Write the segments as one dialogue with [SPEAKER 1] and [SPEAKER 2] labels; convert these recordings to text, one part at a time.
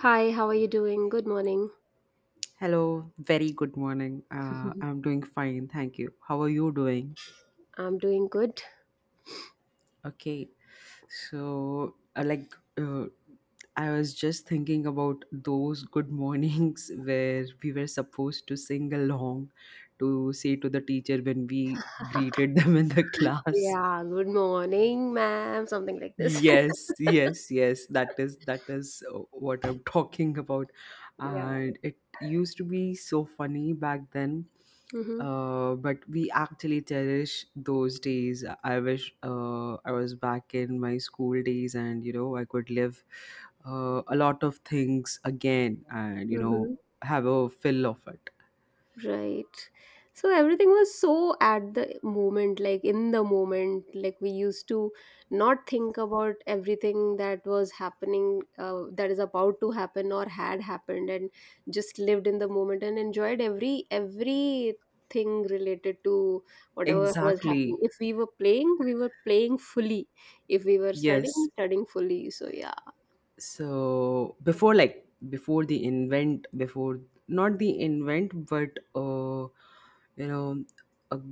[SPEAKER 1] Hi, how are you doing? Good morning.
[SPEAKER 2] Hello, very good morning. I'm doing fine, thank you. How are you doing?
[SPEAKER 1] I'm doing good.
[SPEAKER 2] Okay, so I was just thinking about those good mornings where we were supposed to sing along to say to the teacher when we greeted them in the class.
[SPEAKER 1] Yeah, good morning, ma'am. Something like this.
[SPEAKER 2] Yes, yes, yes. That is what I'm talking about,
[SPEAKER 1] Yeah.
[SPEAKER 2] and it used to be so funny back then. But we actually cherish those days. I wish I was back in my school days, and I could live a lot of things again, and
[SPEAKER 1] Mm-hmm.
[SPEAKER 2] have a fill of it.
[SPEAKER 1] Right. So everything was so at the moment, like in the moment. Like we used to not think about everything that was happening, that is about to happen or had happened, and just lived in the moment and enjoyed everything related to whatever was happening.
[SPEAKER 2] Exactly.
[SPEAKER 1] If we were playing, we were playing fully. If we were
[SPEAKER 2] Yes.
[SPEAKER 1] studying, studying fully. So yeah.
[SPEAKER 2] So before like before the invent before not the invent but you know a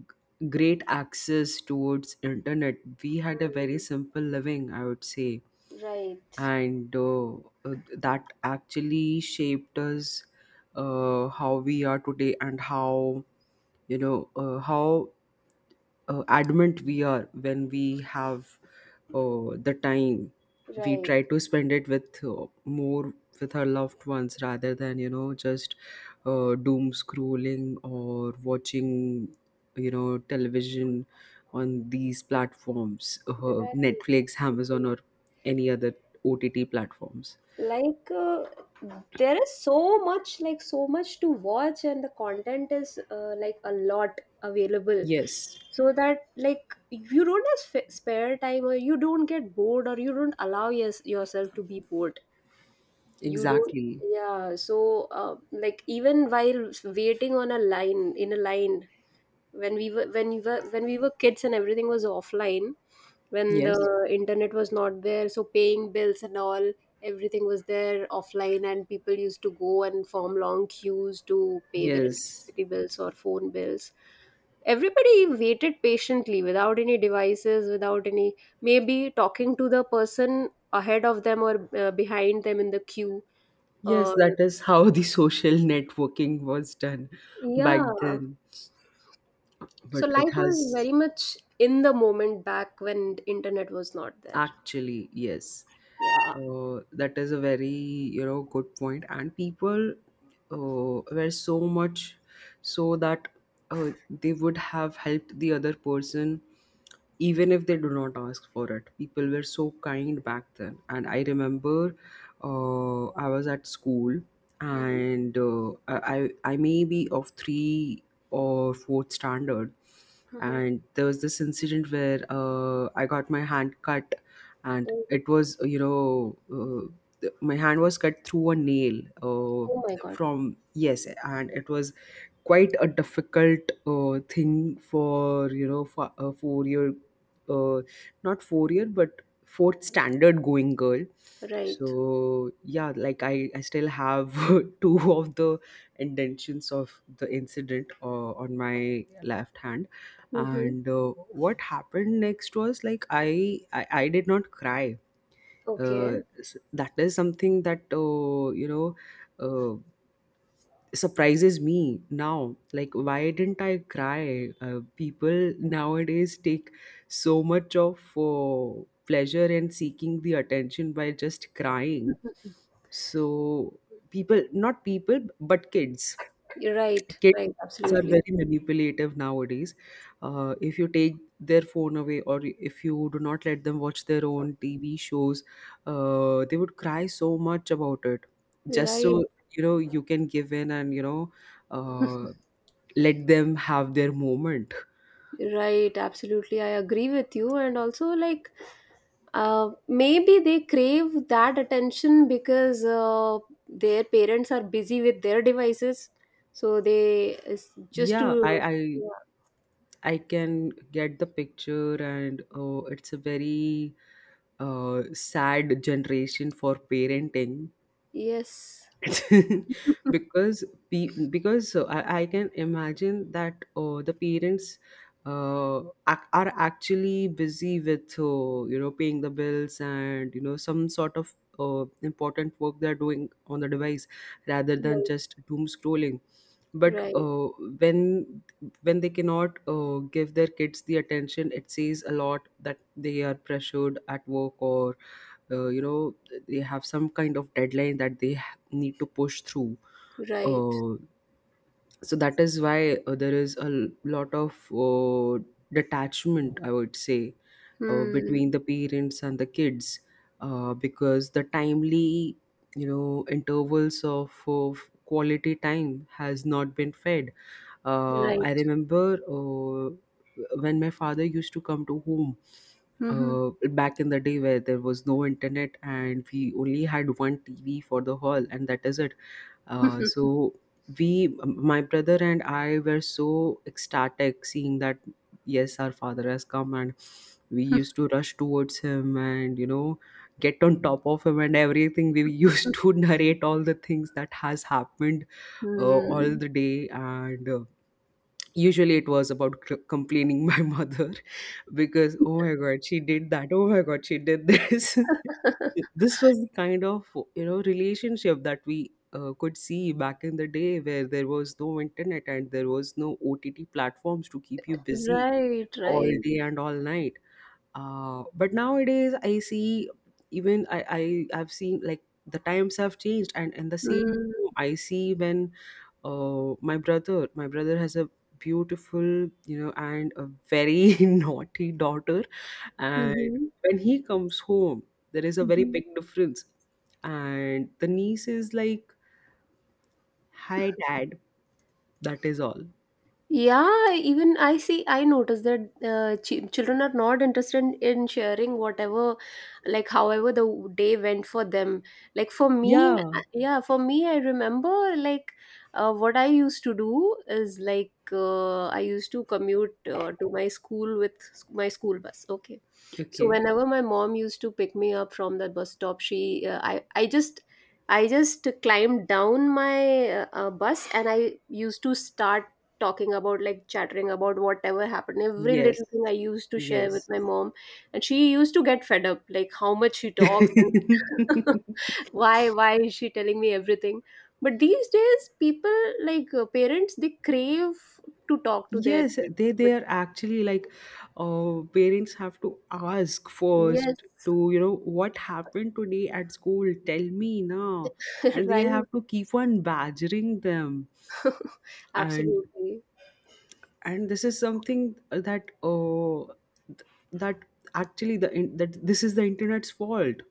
[SPEAKER 2] great access towards internet, we had a very simple living, I would say.
[SPEAKER 1] Mm.
[SPEAKER 2] And that actually shaped us how we are today, and how how adamant we are. When we have the time, we
[SPEAKER 1] Right,
[SPEAKER 2] try to spend it with more with our loved ones, rather than just doom scrolling or watching television on these platforms,
[SPEAKER 1] right,
[SPEAKER 2] Netflix, Amazon,
[SPEAKER 1] right.
[SPEAKER 2] or any other OTT platforms.
[SPEAKER 1] like uh, there is so much, like so much to watch, and the content is, like, a lot available,
[SPEAKER 2] Yes.
[SPEAKER 1] so that, like, you don't have spare time or you don't get bored or you don't allow yourself to be bored. You don't.
[SPEAKER 2] Exactly.
[SPEAKER 1] Yeah. So like, even while waiting on a line, in a line, when we were when we were when we were kids and everything was offline, when the
[SPEAKER 2] Yes,
[SPEAKER 1] Yeah. internet was not there, so paying bills and all, everything was there offline, and people used to go and form long queues to pay their
[SPEAKER 2] yes,
[SPEAKER 1] electricity bills or phone bills. Everybody waited patiently without any devices, without any, maybe, talking to the person ahead of them or, behind them in the queue,
[SPEAKER 2] yes,
[SPEAKER 1] or
[SPEAKER 2] that is how the social networking was done back
[SPEAKER 1] yeah.
[SPEAKER 2] then.
[SPEAKER 1] So
[SPEAKER 2] But it
[SPEAKER 1] life was
[SPEAKER 2] has.
[SPEAKER 1] very much in the moment back when internet was not there.
[SPEAKER 2] Actually, yes.
[SPEAKER 1] Yeah.
[SPEAKER 2] That is a very, you know, good point. And people were so much so that they would have helped the other person even if they do not ask for it. People were so kind back then. And I remember I was at school,
[SPEAKER 1] Hmm.
[SPEAKER 2] and I may be of three or fourth standard.
[SPEAKER 1] Hmm.
[SPEAKER 2] And there was this incident where I got my hand cut, and
[SPEAKER 1] Oh,
[SPEAKER 2] it was my hand was cut through a nail,
[SPEAKER 1] oh my God.
[SPEAKER 2] from yes. And it was quite a difficult thing for, you know, for a 4 year uh, not 4 year but fourth standard going girl.
[SPEAKER 1] Right.
[SPEAKER 2] So yeah, like I still have two of the indentions of the incident on my left hand.
[SPEAKER 1] Hmm.
[SPEAKER 2] And what happened next was like I did not cry.
[SPEAKER 1] Okay.
[SPEAKER 2] That is something that uh, surprises me now, like why didn't I cry. People nowadays take so much of pleasure in seeking the attention by just crying. So, people not people but kids,
[SPEAKER 1] You're right. Right.
[SPEAKER 2] kids are
[SPEAKER 1] Absolutely.
[SPEAKER 2] very manipulative nowadays. If you take their phone away, or if you do not let them watch their own TV shows, they would cry so much about it. Just
[SPEAKER 1] Right.
[SPEAKER 2] so you know, you can give in and, uh, let them have their moment.
[SPEAKER 1] Right. Absolutely. I agree with you. And also, like, maybe they crave that attention because, their parents are busy with their devices. So they, it's just
[SPEAKER 2] Yeah, I
[SPEAKER 1] to.
[SPEAKER 2] I
[SPEAKER 1] Yeah.
[SPEAKER 2] I can get the picture, and it's a very sad generation for parenting
[SPEAKER 1] Yes.
[SPEAKER 2] because because I can imagine that the parents uh, are actually busy with, paying the bills, and some sort of important work they're doing on the device, rather than
[SPEAKER 1] Right.
[SPEAKER 2] just doom scrolling. but
[SPEAKER 1] Right.
[SPEAKER 2] uh, when when they cannot give their kids the attention, it says a lot that they are pressured at work, or uh, you know they have some kind of deadline that they need to push through.
[SPEAKER 1] Right.
[SPEAKER 2] Uh, so that is why there is a lot of detachment, I would say, between
[SPEAKER 1] Hmm.
[SPEAKER 2] the parents and the kids, because the timely, intervals of quality time has not been fed. uh, i
[SPEAKER 1] Right.
[SPEAKER 2] remember uh, when my father used to come to home,
[SPEAKER 1] Mhm.
[SPEAKER 2] back in the day where there was no internet and we only had one TV for the hall, and that is it. So we, my brother and I, were so ecstatic seeing that yes, our father has come. And we used to rush towards him and, you know, get on top of him and everything. We used to narrate all the things that has happened all
[SPEAKER 1] Hmm.
[SPEAKER 2] the day. And usually it was about complaining my mother, because, "Oh my god, she did that. Oh my god, she did this." This was the kind of, you know, relationship that we could see back in the day, where there was no internet and there was no OTT platforms to keep you busy
[SPEAKER 1] Right,
[SPEAKER 2] all
[SPEAKER 1] right.
[SPEAKER 2] day and all night. But nowadays I see, even I've seen, like the times have changed, and in the same
[SPEAKER 1] Mm.
[SPEAKER 2] room I see, when. Oh, my brother has a beautiful, you know, and a very naughty daughter. And
[SPEAKER 1] Mhm.
[SPEAKER 2] when he comes home, there is a very
[SPEAKER 1] Mhm.
[SPEAKER 2] big difference. And the niece is like, "Hi, Dad." That is all.
[SPEAKER 1] Yeah, even I see, I notice that children are not interested in sharing whatever, like however the day went for them. Like for me,
[SPEAKER 2] Yeah.
[SPEAKER 1] yeah, for me, I remember, like, what I used to do is, like, I used to commute, to my school with my school bus. Okay, so
[SPEAKER 2] Okay.
[SPEAKER 1] whenever my mom used to pick me up from the bus stop, she, uh, I just, I just climbed down my bus, and I used to start talking about, like, chattering about whatever happened. Every
[SPEAKER 2] Yes.
[SPEAKER 1] little thing I used to share with
[SPEAKER 2] Yes.
[SPEAKER 1] my mom. And she used to get fed up, like, how much she talks. And why is she telling me everything. But these days people, like, parents, they crave to talk to their
[SPEAKER 2] Yes,
[SPEAKER 1] kids,
[SPEAKER 2] they
[SPEAKER 1] but
[SPEAKER 2] they are actually like, parents have to ask
[SPEAKER 1] yes.
[SPEAKER 2] first to, you know, what happened today at school. Tell me now, and they
[SPEAKER 1] Right.
[SPEAKER 2] have to keep on badgering them. and
[SPEAKER 1] Absolutely.
[SPEAKER 2] and this is something that, th- that actually the in- that this is the internet's fault.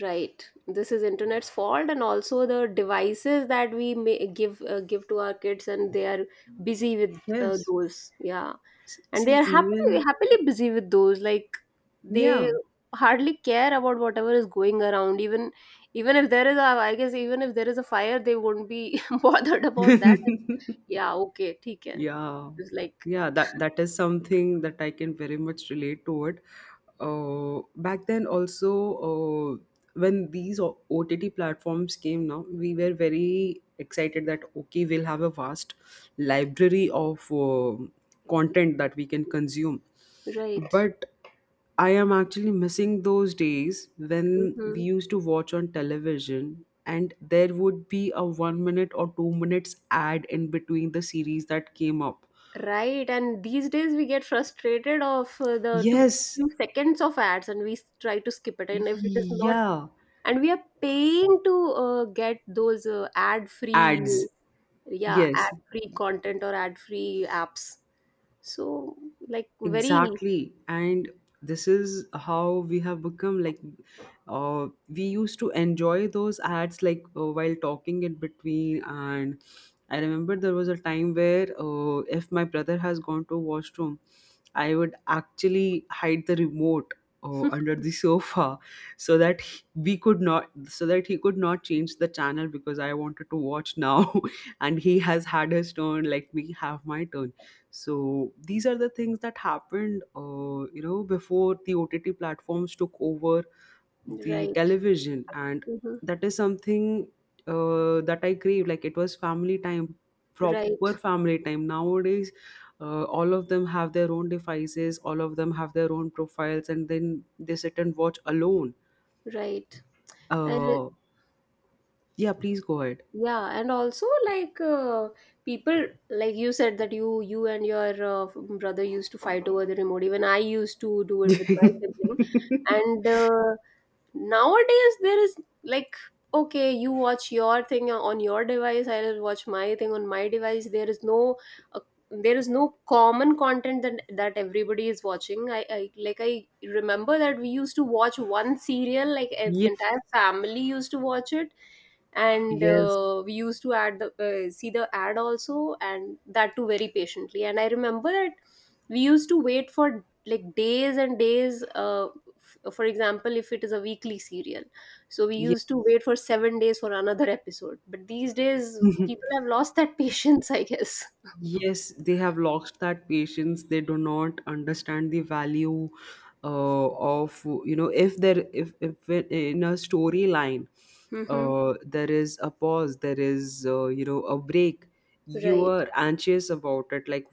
[SPEAKER 1] Right. This is internet's fault, and also the devices that we may give, give to our kids, and they are busy with,
[SPEAKER 2] Yes.
[SPEAKER 1] those. Yeah. And they
[SPEAKER 2] See,
[SPEAKER 1] are happily
[SPEAKER 2] even
[SPEAKER 1] happily busy with those. Like, they
[SPEAKER 2] yeah.
[SPEAKER 1] hardly care about whatever is going around. Even, even if there is a, I guess even if there is a fire, they won't be bothered about that. Yeah, okay, theek hai.
[SPEAKER 2] Yeah,
[SPEAKER 1] It's like,
[SPEAKER 2] yeah, that that is something that I can very much relate to it. Back then also, uh, when these OTT platforms came now, we were very excited that okay, we'll have a vast library of content that we can consume.
[SPEAKER 1] right.
[SPEAKER 2] But I am actually missing those days when we
[SPEAKER 1] Hmm.
[SPEAKER 2] used to watch on television, and there would be a 1 minute or 2 minutes ad in between the series that came up.
[SPEAKER 1] Right, and these days we get frustrated of, the two,
[SPEAKER 2] Yes.
[SPEAKER 1] few seconds of ads, and we try to skip it, and if it is not,
[SPEAKER 2] Yeah.
[SPEAKER 1] and we are paying to, get those, ad free
[SPEAKER 2] Ads.
[SPEAKER 1] yeah,
[SPEAKER 2] Yes.
[SPEAKER 1] ad free content or ad free apps. So, like, very
[SPEAKER 2] Exactly. And this is how we have become, like we used to enjoy those ads, like while talking in between. And I remember there was a time where if my brother has gone to washroom, I would actually hide the remote under the sofa, so that he could not change the channel, because I wanted to watch now and he has had his turn. Let me have my turn. So these are the things that happened, before the OTT platforms took over the
[SPEAKER 1] right.
[SPEAKER 2] television. And
[SPEAKER 1] Mhm.
[SPEAKER 2] that is something that I crave. Like, it was family time,
[SPEAKER 1] Right,
[SPEAKER 2] proper family time. Nowadays, all of them have their own devices, all of them have their own profiles, and then they sit and watch alone.
[SPEAKER 1] right. And
[SPEAKER 2] Uh, yeah, please go ahead.
[SPEAKER 1] yeah, and also, like, people, like you said that you and your, brother used to fight over the remote. Even I used to do it with my sibling. And nowadays there is, like, okay, you watch your thing on your device, I'll watch my thing on my device. There is no, uh, there is no common content that everybody is watching. I like, I remember that we used to watch one serial, like an
[SPEAKER 2] Yeah,
[SPEAKER 1] entire family used to watch it. And
[SPEAKER 2] yes,
[SPEAKER 1] we used to add the, see the ad also, and that too very patiently. And I remember that we used to wait for, like, days and days, for example, if it is a weekly serial, so we used
[SPEAKER 2] yes.
[SPEAKER 1] to wait for 7 days for another episode. But these days people have lost that patience, I guess.
[SPEAKER 2] Yes, they have lost that patience. They do not understand the value of if there if in a storyline
[SPEAKER 1] Mm-hmm.
[SPEAKER 2] there is a pause, there is, a break. You
[SPEAKER 1] Right.
[SPEAKER 2] are anxious about it, like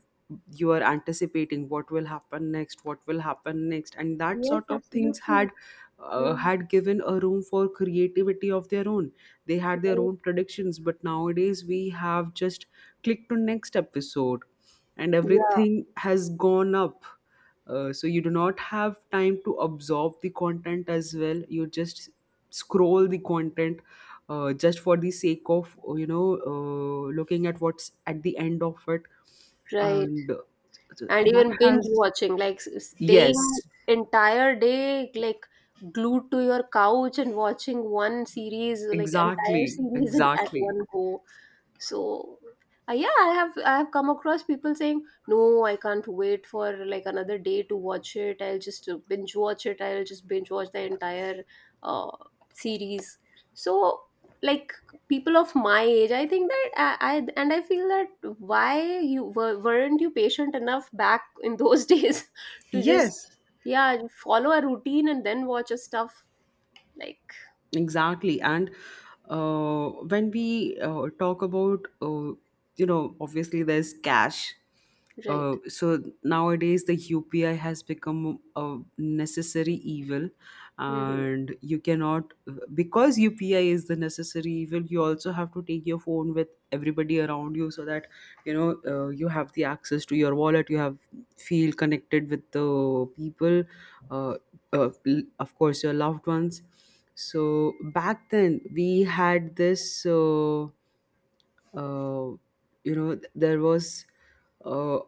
[SPEAKER 2] you are anticipating what will happen next, what will happen next. And that
[SPEAKER 1] Yes,
[SPEAKER 2] sort of things
[SPEAKER 1] absolutely.
[SPEAKER 2] had
[SPEAKER 1] Mm.
[SPEAKER 2] had given a room for creativity of their own. They had their
[SPEAKER 1] Right.
[SPEAKER 2] own predictions, but nowadays we have just click to next episode, and
[SPEAKER 1] Yeah.
[SPEAKER 2] everything has gone up. So you do not have time to absorb the content as well, you just scroll the content just for the sake of, looking at what's at the end of it.
[SPEAKER 1] Right.
[SPEAKER 2] And so
[SPEAKER 1] And
[SPEAKER 2] that
[SPEAKER 1] even binge
[SPEAKER 2] has.
[SPEAKER 1] watching, like, staying
[SPEAKER 2] Yes,
[SPEAKER 1] entire day, like, glued to your couch and watching one series, like, entire
[SPEAKER 2] exactly,
[SPEAKER 1] series in, at
[SPEAKER 2] exactly.
[SPEAKER 1] one go. So, yeah, I have come across people saying, "No, I can't wait for, like, another day to watch it. I'll just, binge watch it. I'll just binge watch the entire, uh, series." So, like, people of my age, I think that, I and I feel that, why weren't you patient enough back in those days to just,
[SPEAKER 2] Yes.
[SPEAKER 1] yeah, follow a routine and then watch a stuff, like,
[SPEAKER 2] Exactly. And when we talk about, obviously there's cash.
[SPEAKER 1] right.
[SPEAKER 2] So nowadays the UPI has become a necessary evil,
[SPEAKER 1] Hmm.
[SPEAKER 2] and you cannot, because UPI is the necessary evil. You also have to take your phone with everybody around you, so that you have the access to your wallet. You have feel connected with the people. Uh, of course your loved ones. So back then we had this uh, there was uh,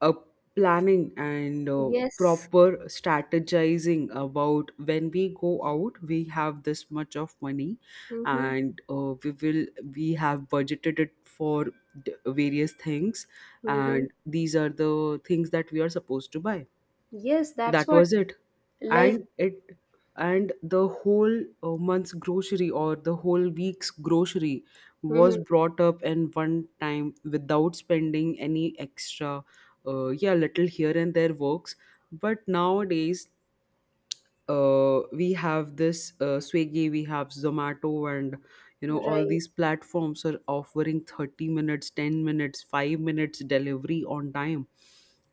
[SPEAKER 2] a planning and
[SPEAKER 1] Yes.
[SPEAKER 2] proper strategizing. About when we go out, we have this much of money
[SPEAKER 1] Hmm.
[SPEAKER 2] and we have budgeted it for various things,
[SPEAKER 1] Hmm.
[SPEAKER 2] and these are the things that we are supposed to buy.
[SPEAKER 1] Yes, that's
[SPEAKER 2] That
[SPEAKER 1] what.
[SPEAKER 2] was it.
[SPEAKER 1] Like.
[SPEAKER 2] and it and the whole month's grocery or the whole week's grocery was
[SPEAKER 1] Mhm.
[SPEAKER 2] brought up in one time without spending any extra. Yeah, little here and there works. But nowadays we have this Swiggy, we have Zomato, and you know all
[SPEAKER 1] Right,
[SPEAKER 2] these platforms are offering 30 minutes, 10 minutes, 5 minutes delivery on time,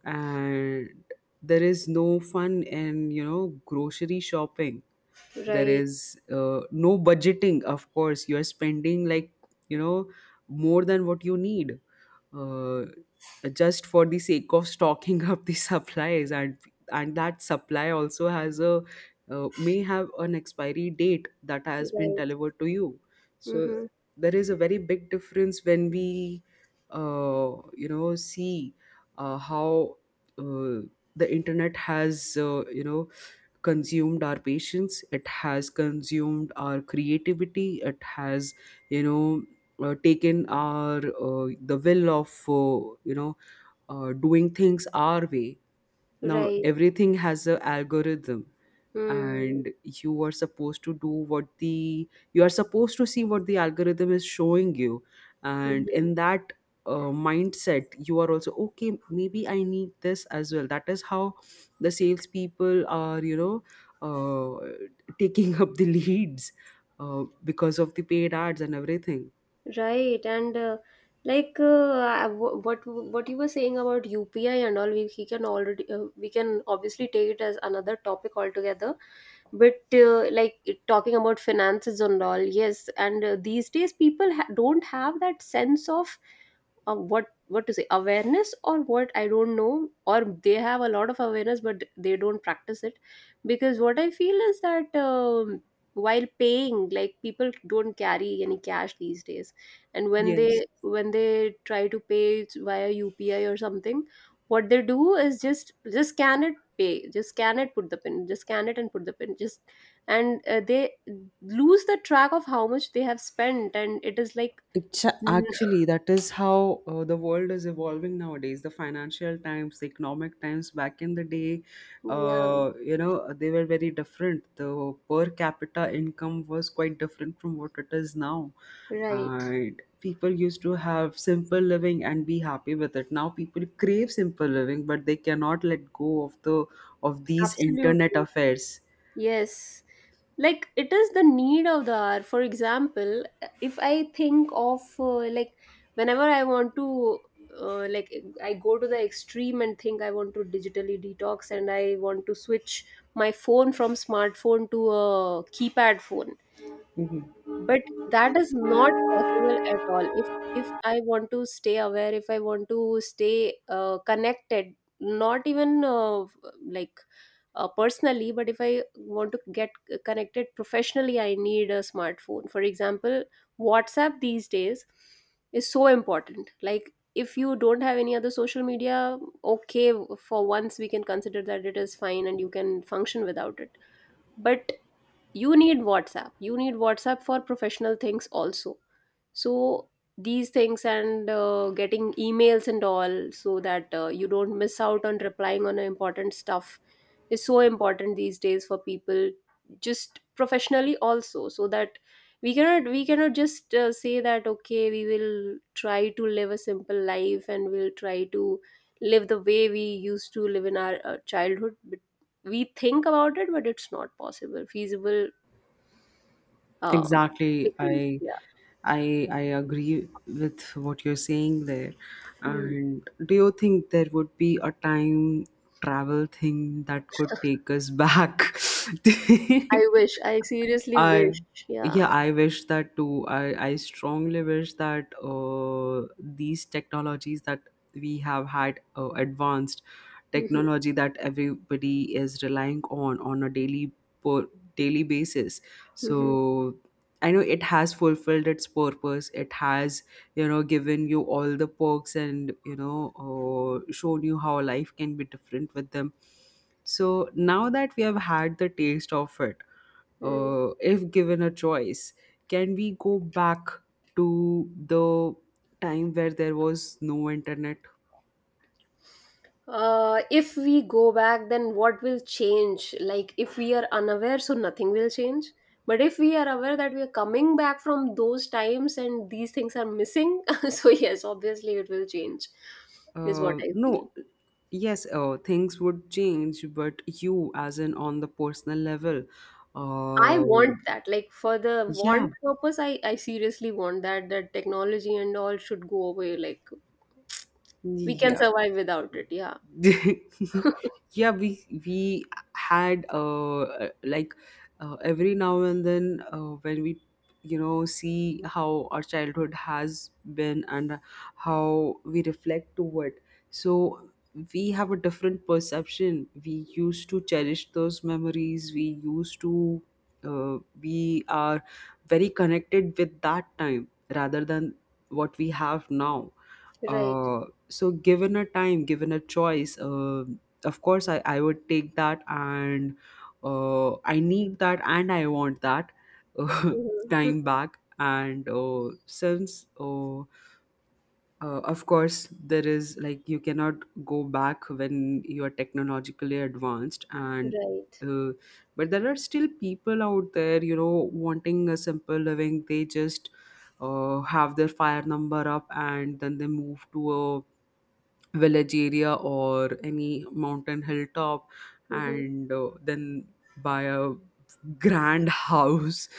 [SPEAKER 2] and there is no fun in you know grocery shopping. There
[SPEAKER 1] right,
[SPEAKER 2] is no budgeting. Of course you are spending, like, you know, more than what you need, uh, just for the sake of stocking up the supplies. And that supply also has a may have an expiry date that has been
[SPEAKER 1] right.
[SPEAKER 2] delivered to you. So
[SPEAKER 1] Mhm.
[SPEAKER 2] there is a very big difference when we you know see how uh, the internet has you know consumed our patience, it has consumed our creativity, it has you know taken our the will of uh, you know doing things our way. Now
[SPEAKER 1] Right.
[SPEAKER 2] everything has a algorithm,
[SPEAKER 1] Mm.
[SPEAKER 2] and you are supposed to do what the you are supposed to see what the algorithm is showing you. And
[SPEAKER 1] Mhm.
[SPEAKER 2] in that mindset, you are also okay, maybe I need this as well. That is how the salespeople are you know uh, taking up the leads, because of the paid ads and everything.
[SPEAKER 1] Right. And like, what you were saying about UPI and all, we can already, we can obviously take it as another topic altogether. But like, talking about finances and all, yes, and these days people don't have that sense of, what to say, awareness, or what, I don't know, or they have a lot of awareness but they don't practice it. Because what I feel is that, while paying, like, people don't carry any cash these days. And when
[SPEAKER 2] Yes.
[SPEAKER 1] they, try to pay via UPI or something, what they do is just scan it, pay, just scan it, put the pin, just scan it and put the pin, just, and they lose the track of how much they have spent. And it is like,
[SPEAKER 2] Actually, that is how the world is evolving nowadays. The financial times, the economic times back in the day,
[SPEAKER 1] yeah,
[SPEAKER 2] you know, they were very different. The per capita income was quite different from what it is now,
[SPEAKER 1] right,
[SPEAKER 2] and people used to have simple living and be happy with it. Now people crave simple living, but they cannot let go of the of these internet
[SPEAKER 1] absolutely.
[SPEAKER 2] affairs.
[SPEAKER 1] Yes. Like, it is the need of the hour. For example, if I think of, like, whenever I want to, like, I go to the extreme and think I want to digitally detox, and I want to switch my phone from smartphone to a keypad phone. But that is not possible at all, if I want to stay aware, if I want to stay, connected, not even, like, personally, but if I want to get connected professionally, I need a smartphone. For example, WhatsApp these days is so important. Like, if you don't have any other social media, okay, for once we can consider that it is fine and you can function without it. But you need WhatsApp, you need WhatsApp for professional things also. So these things, and getting emails and all, so that, you don't miss out on replying on important stuff, is so important these days for people, just professionally also. So that, we cannot just, say that, okay, we will try to live a simple life, and we'll try to live the way we used to live in our, childhood, but we think about it, but it's not possible, feasible,
[SPEAKER 2] Exactly.
[SPEAKER 1] practically.
[SPEAKER 2] I
[SPEAKER 1] Yeah.
[SPEAKER 2] I I agree with what you're saying there.
[SPEAKER 1] Mm.
[SPEAKER 2] And do you think there would be a time travel thing that could take us back?
[SPEAKER 1] I wish. I seriously
[SPEAKER 2] I
[SPEAKER 1] wish. Yeah.
[SPEAKER 2] Yeah, I wish that too. I strongly wish that these technologies that we have had advanced
[SPEAKER 1] Mhm,
[SPEAKER 2] technology that everybody is relying on a per, daily basis.
[SPEAKER 1] mhm,
[SPEAKER 2] so I know it has fulfilled its purpose, it has you know given you all the perks, and you know shown you how life can be different with them. So now that we have had the taste of it,
[SPEAKER 1] mm.
[SPEAKER 2] uh, if given a choice, can we go back to the time where there was no internet?
[SPEAKER 1] If we go back, then what will change? Like, if we are unaware, so nothing will change. But if we are aware that we are coming back from those times, and these things are missing, so yes, obviously it will change, is what I feel.
[SPEAKER 2] No, yes, things would change, but you, as in on the personal level,
[SPEAKER 1] I
[SPEAKER 2] uh,
[SPEAKER 1] want that. Like, for the
[SPEAKER 2] yeah,
[SPEAKER 1] want purpose, I seriously want that, that technology and all should go away. Like, we can
[SPEAKER 2] yeah.
[SPEAKER 1] survive without it. Yeah.
[SPEAKER 2] Yeah, we had like every now and then when we you know see how our childhood has been and how we reflect to it. So we have a different perception. We used to cherish those memories, we used to we are very connected with that time rather than what we have now.
[SPEAKER 1] Right.
[SPEAKER 2] So given a time, given a choice, of course I would take that. And I need that and I want that. uh,
[SPEAKER 1] Mhm.
[SPEAKER 2] Time back. And since Of course there is, like, you cannot go back when you are technologically advanced. And
[SPEAKER 1] Right.
[SPEAKER 2] uh, but there are still people out there you know wanting a simple living. They just have their fire number up and then they move to a village area or any mountain hilltop,
[SPEAKER 1] Mhm.
[SPEAKER 2] and then buy a grand house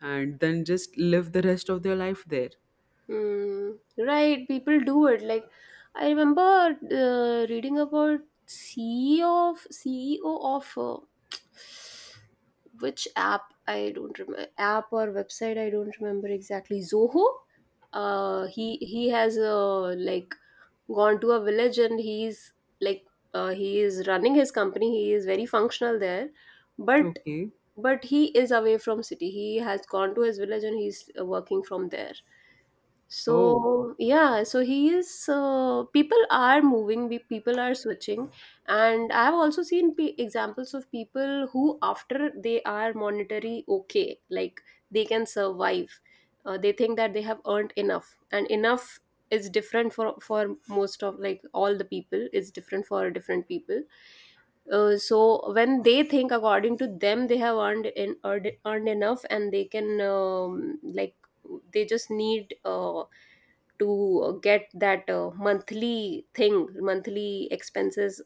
[SPEAKER 2] and then just live the rest of their life there.
[SPEAKER 1] Mm. Right. People do it. Like, I remember, reading about CEO of, which app I don't remember, app or website I don't remember exactly. Zoho. He has, like, gone to a village, and he's, like, he is running his company. He is very functional there, but
[SPEAKER 2] Okay.
[SPEAKER 1] but he is away from city. He has gone to his village and he's working from there.
[SPEAKER 2] Oh,
[SPEAKER 1] So yeah, so he is people are moving, people are switching. And I have also seen examples of people who, after they are monetary okay, like they can survive. They think that they have earned enough, and enough is different for most of, like, all the people. Is different for different people. So when they think, according to them, they have earned, earned enough, and they can like, they just need to get that monthly expenses.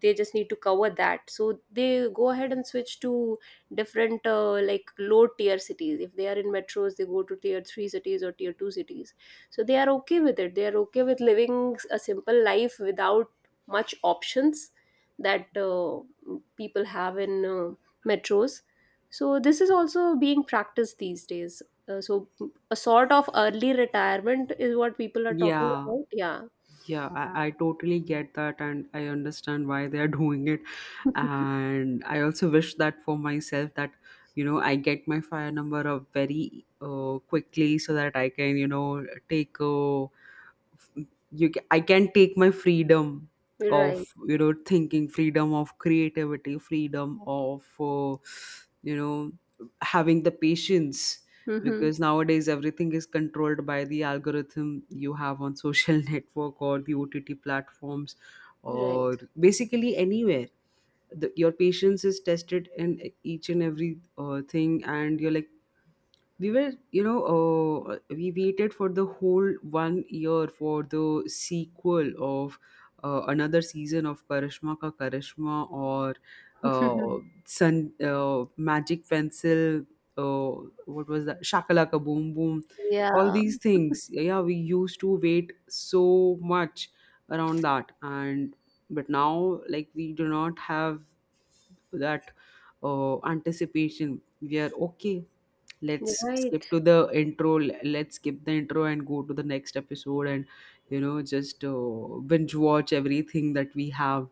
[SPEAKER 1] They just need to cover that, so they go ahead and switch to different, like, low tier cities. If they are in metros, they go to tier 3 cities or tier 2 cities. So they are okay with it. They are okay with living a simple life without much options that people have in metros. So this is also being practiced these days. So a sort of early retirement is what people are talking
[SPEAKER 2] yeah,
[SPEAKER 1] about. Yeah.
[SPEAKER 2] yeah. I totally get that and I understand why they are doing it, and I also wish that for myself, that you know I get my fire number up very quickly, so that I can you know take a I can take my freedom of
[SPEAKER 1] Right.
[SPEAKER 2] you know thinking, freedom of creativity, freedom of you know having the patience.
[SPEAKER 1] Hmm.
[SPEAKER 2] Because nowadays everything is controlled by the algorithm you have on social network or the OTT platforms
[SPEAKER 1] Right.
[SPEAKER 2] or basically anywhere. Your patience is tested in each and every thing, and you're like, we were you know we waited for the whole 1 year for the sequel of another season of Karishma Ka Karishma, or uh, Sun Magic Pencil, uh, what was that, Shakalaka Boom Boom. All
[SPEAKER 1] Yeah.
[SPEAKER 2] these things, yeah, we used to wait so much around that. And but now, like, we do not have that anticipation. We are okay, let's
[SPEAKER 1] Right.
[SPEAKER 2] skip to the intro, let's skip the intro and go to the next episode and you know just binge watch everything that we have.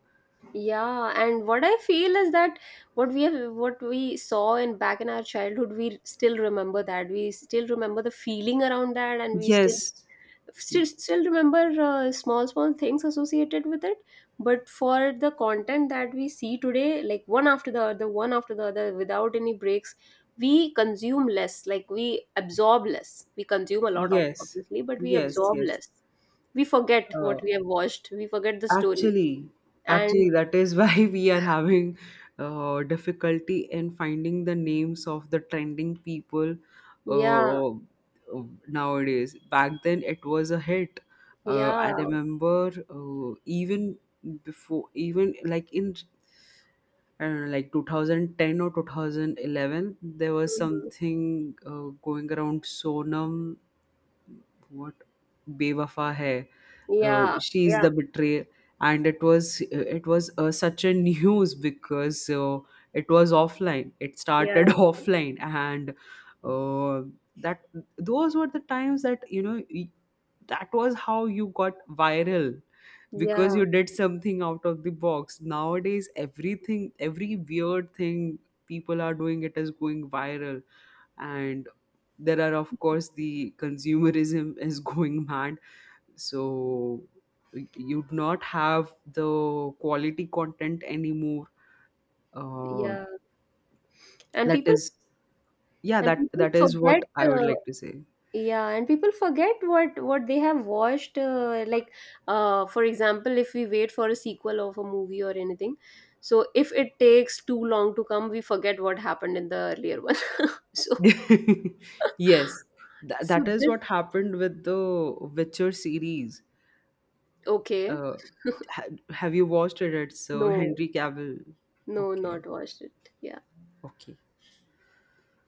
[SPEAKER 1] Yeah. And what I feel is that what we have, what we saw in back in our childhood, we still remember that. We still remember the feeling around that, and we still
[SPEAKER 2] yes
[SPEAKER 1] still still remember small small things associated with it. But for the content that we see today, like one after the other, one after the other without any breaks, we consume less, like, we absorb less. We consume a lot of,
[SPEAKER 2] yes
[SPEAKER 1] obviously, but we absorb
[SPEAKER 2] yes.
[SPEAKER 1] less. We forget what
[SPEAKER 2] uh,
[SPEAKER 1] we have watched. We forget the story.
[SPEAKER 2] Actually,
[SPEAKER 1] And
[SPEAKER 2] Actually, that is why we are having difficulty in finding the names of the trending people
[SPEAKER 1] yeah,
[SPEAKER 2] uh, uh, nowadays. Back then, it was a hit.
[SPEAKER 1] yeah,
[SPEAKER 2] I remember even before, even like in I don't know, like 2010 or 2011, there was
[SPEAKER 1] mhm,
[SPEAKER 2] something going around Sonam, what, Bewafa hai,
[SPEAKER 1] yeah,
[SPEAKER 2] she is
[SPEAKER 1] yeah,
[SPEAKER 2] the betrayal, and it was such a news, because it was offline, it
[SPEAKER 1] yeah,
[SPEAKER 2] started offline. And uh, that Those were the times that you know that was how you got viral, because
[SPEAKER 1] yeah,
[SPEAKER 2] you did something out of the box. Nowadays everything, every weird thing people are doing, it is going viral. And there are of course the consumerism is going mad, so you'd not have the quality content anymore. Uh,
[SPEAKER 1] yeah. And
[SPEAKER 2] that
[SPEAKER 1] people,
[SPEAKER 2] is Yeah,
[SPEAKER 1] and people
[SPEAKER 2] that is
[SPEAKER 1] forget
[SPEAKER 2] what I would like to say.
[SPEAKER 1] yeah, and people forget what they have watched, like, for example, if we wait for a sequel of a movie or anything, so if it takes too long to come, we forget what happened in the earlier one. so,
[SPEAKER 2] Yes.
[SPEAKER 1] so
[SPEAKER 2] That is
[SPEAKER 1] this.
[SPEAKER 2] what happened with the Witcher series.
[SPEAKER 1] Okay.
[SPEAKER 2] uh, have you watched it? It's
[SPEAKER 1] No,
[SPEAKER 2] Henry Cavill.
[SPEAKER 1] no,
[SPEAKER 2] Okay.
[SPEAKER 1] not watched it, yeah.
[SPEAKER 2] Okay.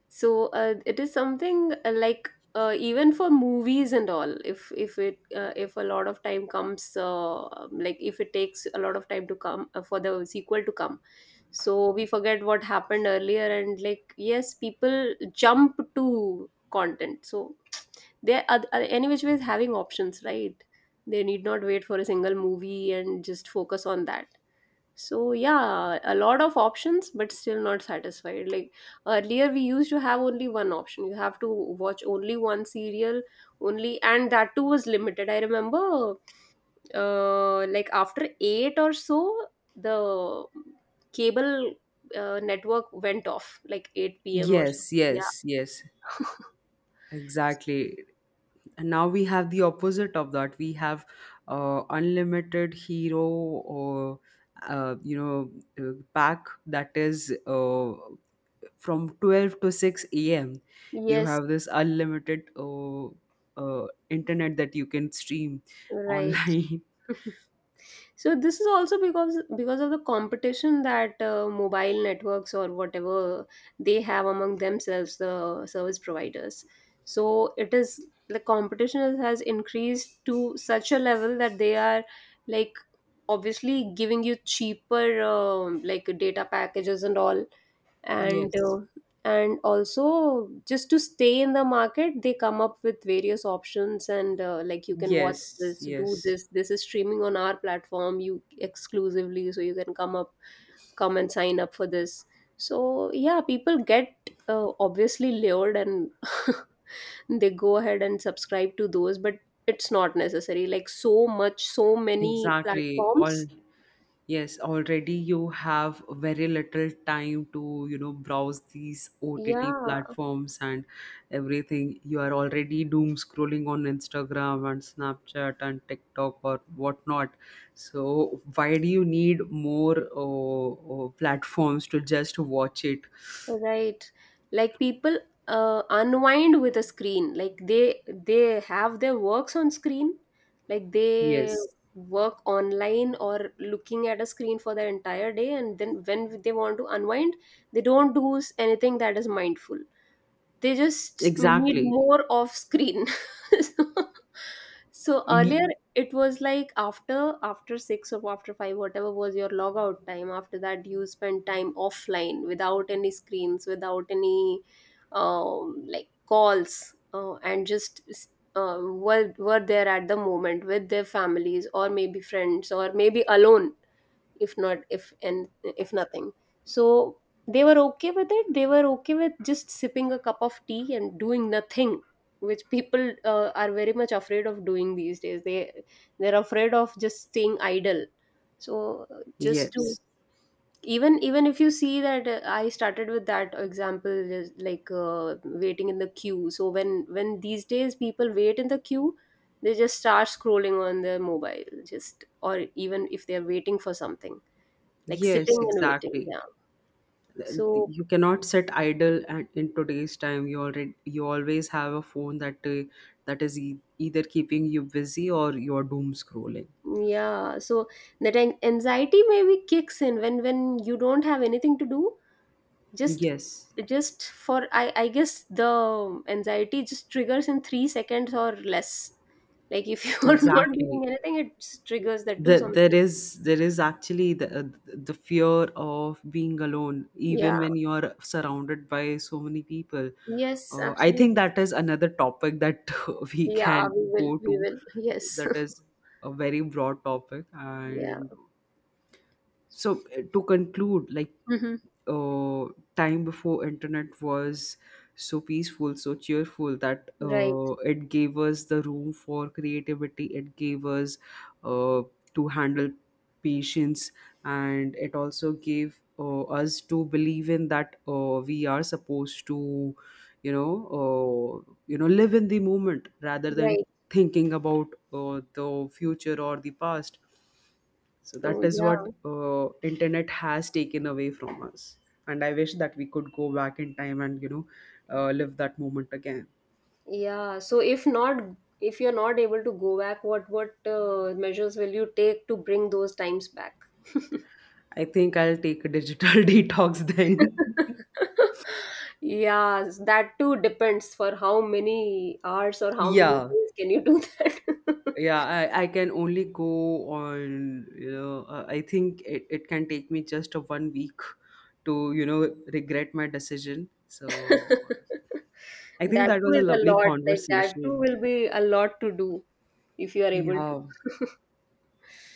[SPEAKER 1] So it is something like, even for movies and all, if a lot of time comes, like, if it takes a lot of time to come for the sequel to come, so we forget what happened earlier. And like, yes, people jump to content, so they're any which ways having options, right? They need not wait for a single movie and just focus on that. So yeah, a lot of options but still not satisfied. Like, earlier we used to have only one option. You have to watch only one serial only, and that too was limited. I remember like, after 8 or so, the cable network went off, like, 8 p.m. or so.
[SPEAKER 2] Yes,
[SPEAKER 1] Yeah.
[SPEAKER 2] yes, yes. Exactly. And now we have the opposite of that. We have unlimited hero or you know pack that is from 12 to 6 a.m. You
[SPEAKER 1] yes.
[SPEAKER 2] have this unlimited internet that you can stream
[SPEAKER 1] Right.
[SPEAKER 2] online.
[SPEAKER 1] So this is also because of the competition that mobile networks or whatever, they have among themselves, the service providers. So it is, the competition has increased to such a level that they are, like, obviously giving you cheaper like data packages and all. And
[SPEAKER 2] Yes.
[SPEAKER 1] and also, just to stay in the market, they come up with various options. And like, you can watch
[SPEAKER 2] Yes,
[SPEAKER 1] this, do
[SPEAKER 2] yes.
[SPEAKER 1] this, this is streaming on our platform, you exclusively, so you can come up, come and sign up for this. So yeah, people get obviously lured, and they go ahead and subscribe to those, but it's not necessary, like, so much, so many
[SPEAKER 2] Exactly. All
[SPEAKER 1] platforms.
[SPEAKER 2] Yes, already you have very little time to, you know, browse these OTT
[SPEAKER 1] Yeah.
[SPEAKER 2] platforms and everything. You are already doom scrolling on Instagram and Snapchat and TikTok or whatnot. So why do you need more platforms to just watch it?
[SPEAKER 1] Right. Like, people unwind with a screen. Like, they have their works on screen. Like, they
[SPEAKER 2] Yes,
[SPEAKER 1] work online or looking at a screen for their entire day, and then when they want to unwind, they don't do anything that is mindful. They just need
[SPEAKER 2] exactly.
[SPEAKER 1] more off screen. so, so earlier
[SPEAKER 2] Mhm.
[SPEAKER 1] it was like, after after 6 or after 5, whatever was your logout time, after that you spent time offline without any screens, without any like calls, and just were there at the moment with their families or maybe friends or maybe alone, if not, if and if nothing. So they were okay with it. They were okay with just sipping a cup of tea and doing nothing, which people are very much afraid of doing these days. They, they're afraid of just staying idle. So just to
[SPEAKER 2] Yes.
[SPEAKER 1] even even if you see that, I started with that example, is like, waiting in the queue. So when these days people wait in the queue, they just start scrolling on their mobile, just. Or even if they're waiting for something, like
[SPEAKER 2] Yes,
[SPEAKER 1] sitting and waiting,
[SPEAKER 2] exactly.
[SPEAKER 1] yeah. So
[SPEAKER 2] You cannot sit idle, and in today's time you already you always have a phone that is either keeping you busy or you're doom scrolling.
[SPEAKER 1] yeah, so that anxiety maybe kicks in when you don't have anything to do, just
[SPEAKER 2] Yes,
[SPEAKER 1] just for, I guess the anxiety just triggers in 3 seconds or less. Like, if you are not
[SPEAKER 2] exactly.
[SPEAKER 1] doing anything, it just triggers that do something.
[SPEAKER 2] There is actually the fear of being alone
[SPEAKER 1] Yeah.
[SPEAKER 2] even when you're surrounded by so many people.
[SPEAKER 1] Yes,
[SPEAKER 2] I
[SPEAKER 1] absolutely.
[SPEAKER 2] think that is another topic that we
[SPEAKER 1] Yeah,
[SPEAKER 2] can
[SPEAKER 1] we will,
[SPEAKER 2] go
[SPEAKER 1] we
[SPEAKER 2] to.
[SPEAKER 1] will, yes.
[SPEAKER 2] That is a very broad topic.
[SPEAKER 1] yeah.
[SPEAKER 2] And so To conclude, like,
[SPEAKER 1] Hmm.
[SPEAKER 2] uh, time before internet was so peaceful, so cheerful, that
[SPEAKER 1] Right.
[SPEAKER 2] it gave us the room for creativity, it gave us uh, to handle patience, and it also gave us to believe in that we are supposed to you know you know live in the moment rather than
[SPEAKER 1] Right.
[SPEAKER 2] thinking about the future or the past. So
[SPEAKER 1] Oh
[SPEAKER 2] that is
[SPEAKER 1] yeah.
[SPEAKER 2] what internet has taken away from us, and I wish that we could go back in time and you know live that moment again.
[SPEAKER 1] Yeah, so if not, if you're not able to go back, what measures will you take to bring those times back?
[SPEAKER 2] I think I'll take a digital detox then.
[SPEAKER 1] Yeah, that too depends, for how many hours or how many
[SPEAKER 2] Yeah,
[SPEAKER 1] days can you do that.
[SPEAKER 2] yeah, I can only go on you know I think it can take me just a 1 week to you know regret my decision. So I think
[SPEAKER 1] That
[SPEAKER 2] that
[SPEAKER 1] too
[SPEAKER 2] was a
[SPEAKER 1] is a
[SPEAKER 2] lovely
[SPEAKER 1] lot. Like, that too
[SPEAKER 2] conversation
[SPEAKER 1] will be a lot to do, if you are able to.
[SPEAKER 2] yeah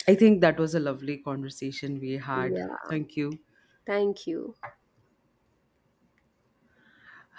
[SPEAKER 2] I think that was a lovely conversation we had.
[SPEAKER 1] Yeah,
[SPEAKER 2] Thank you.
[SPEAKER 1] thank you.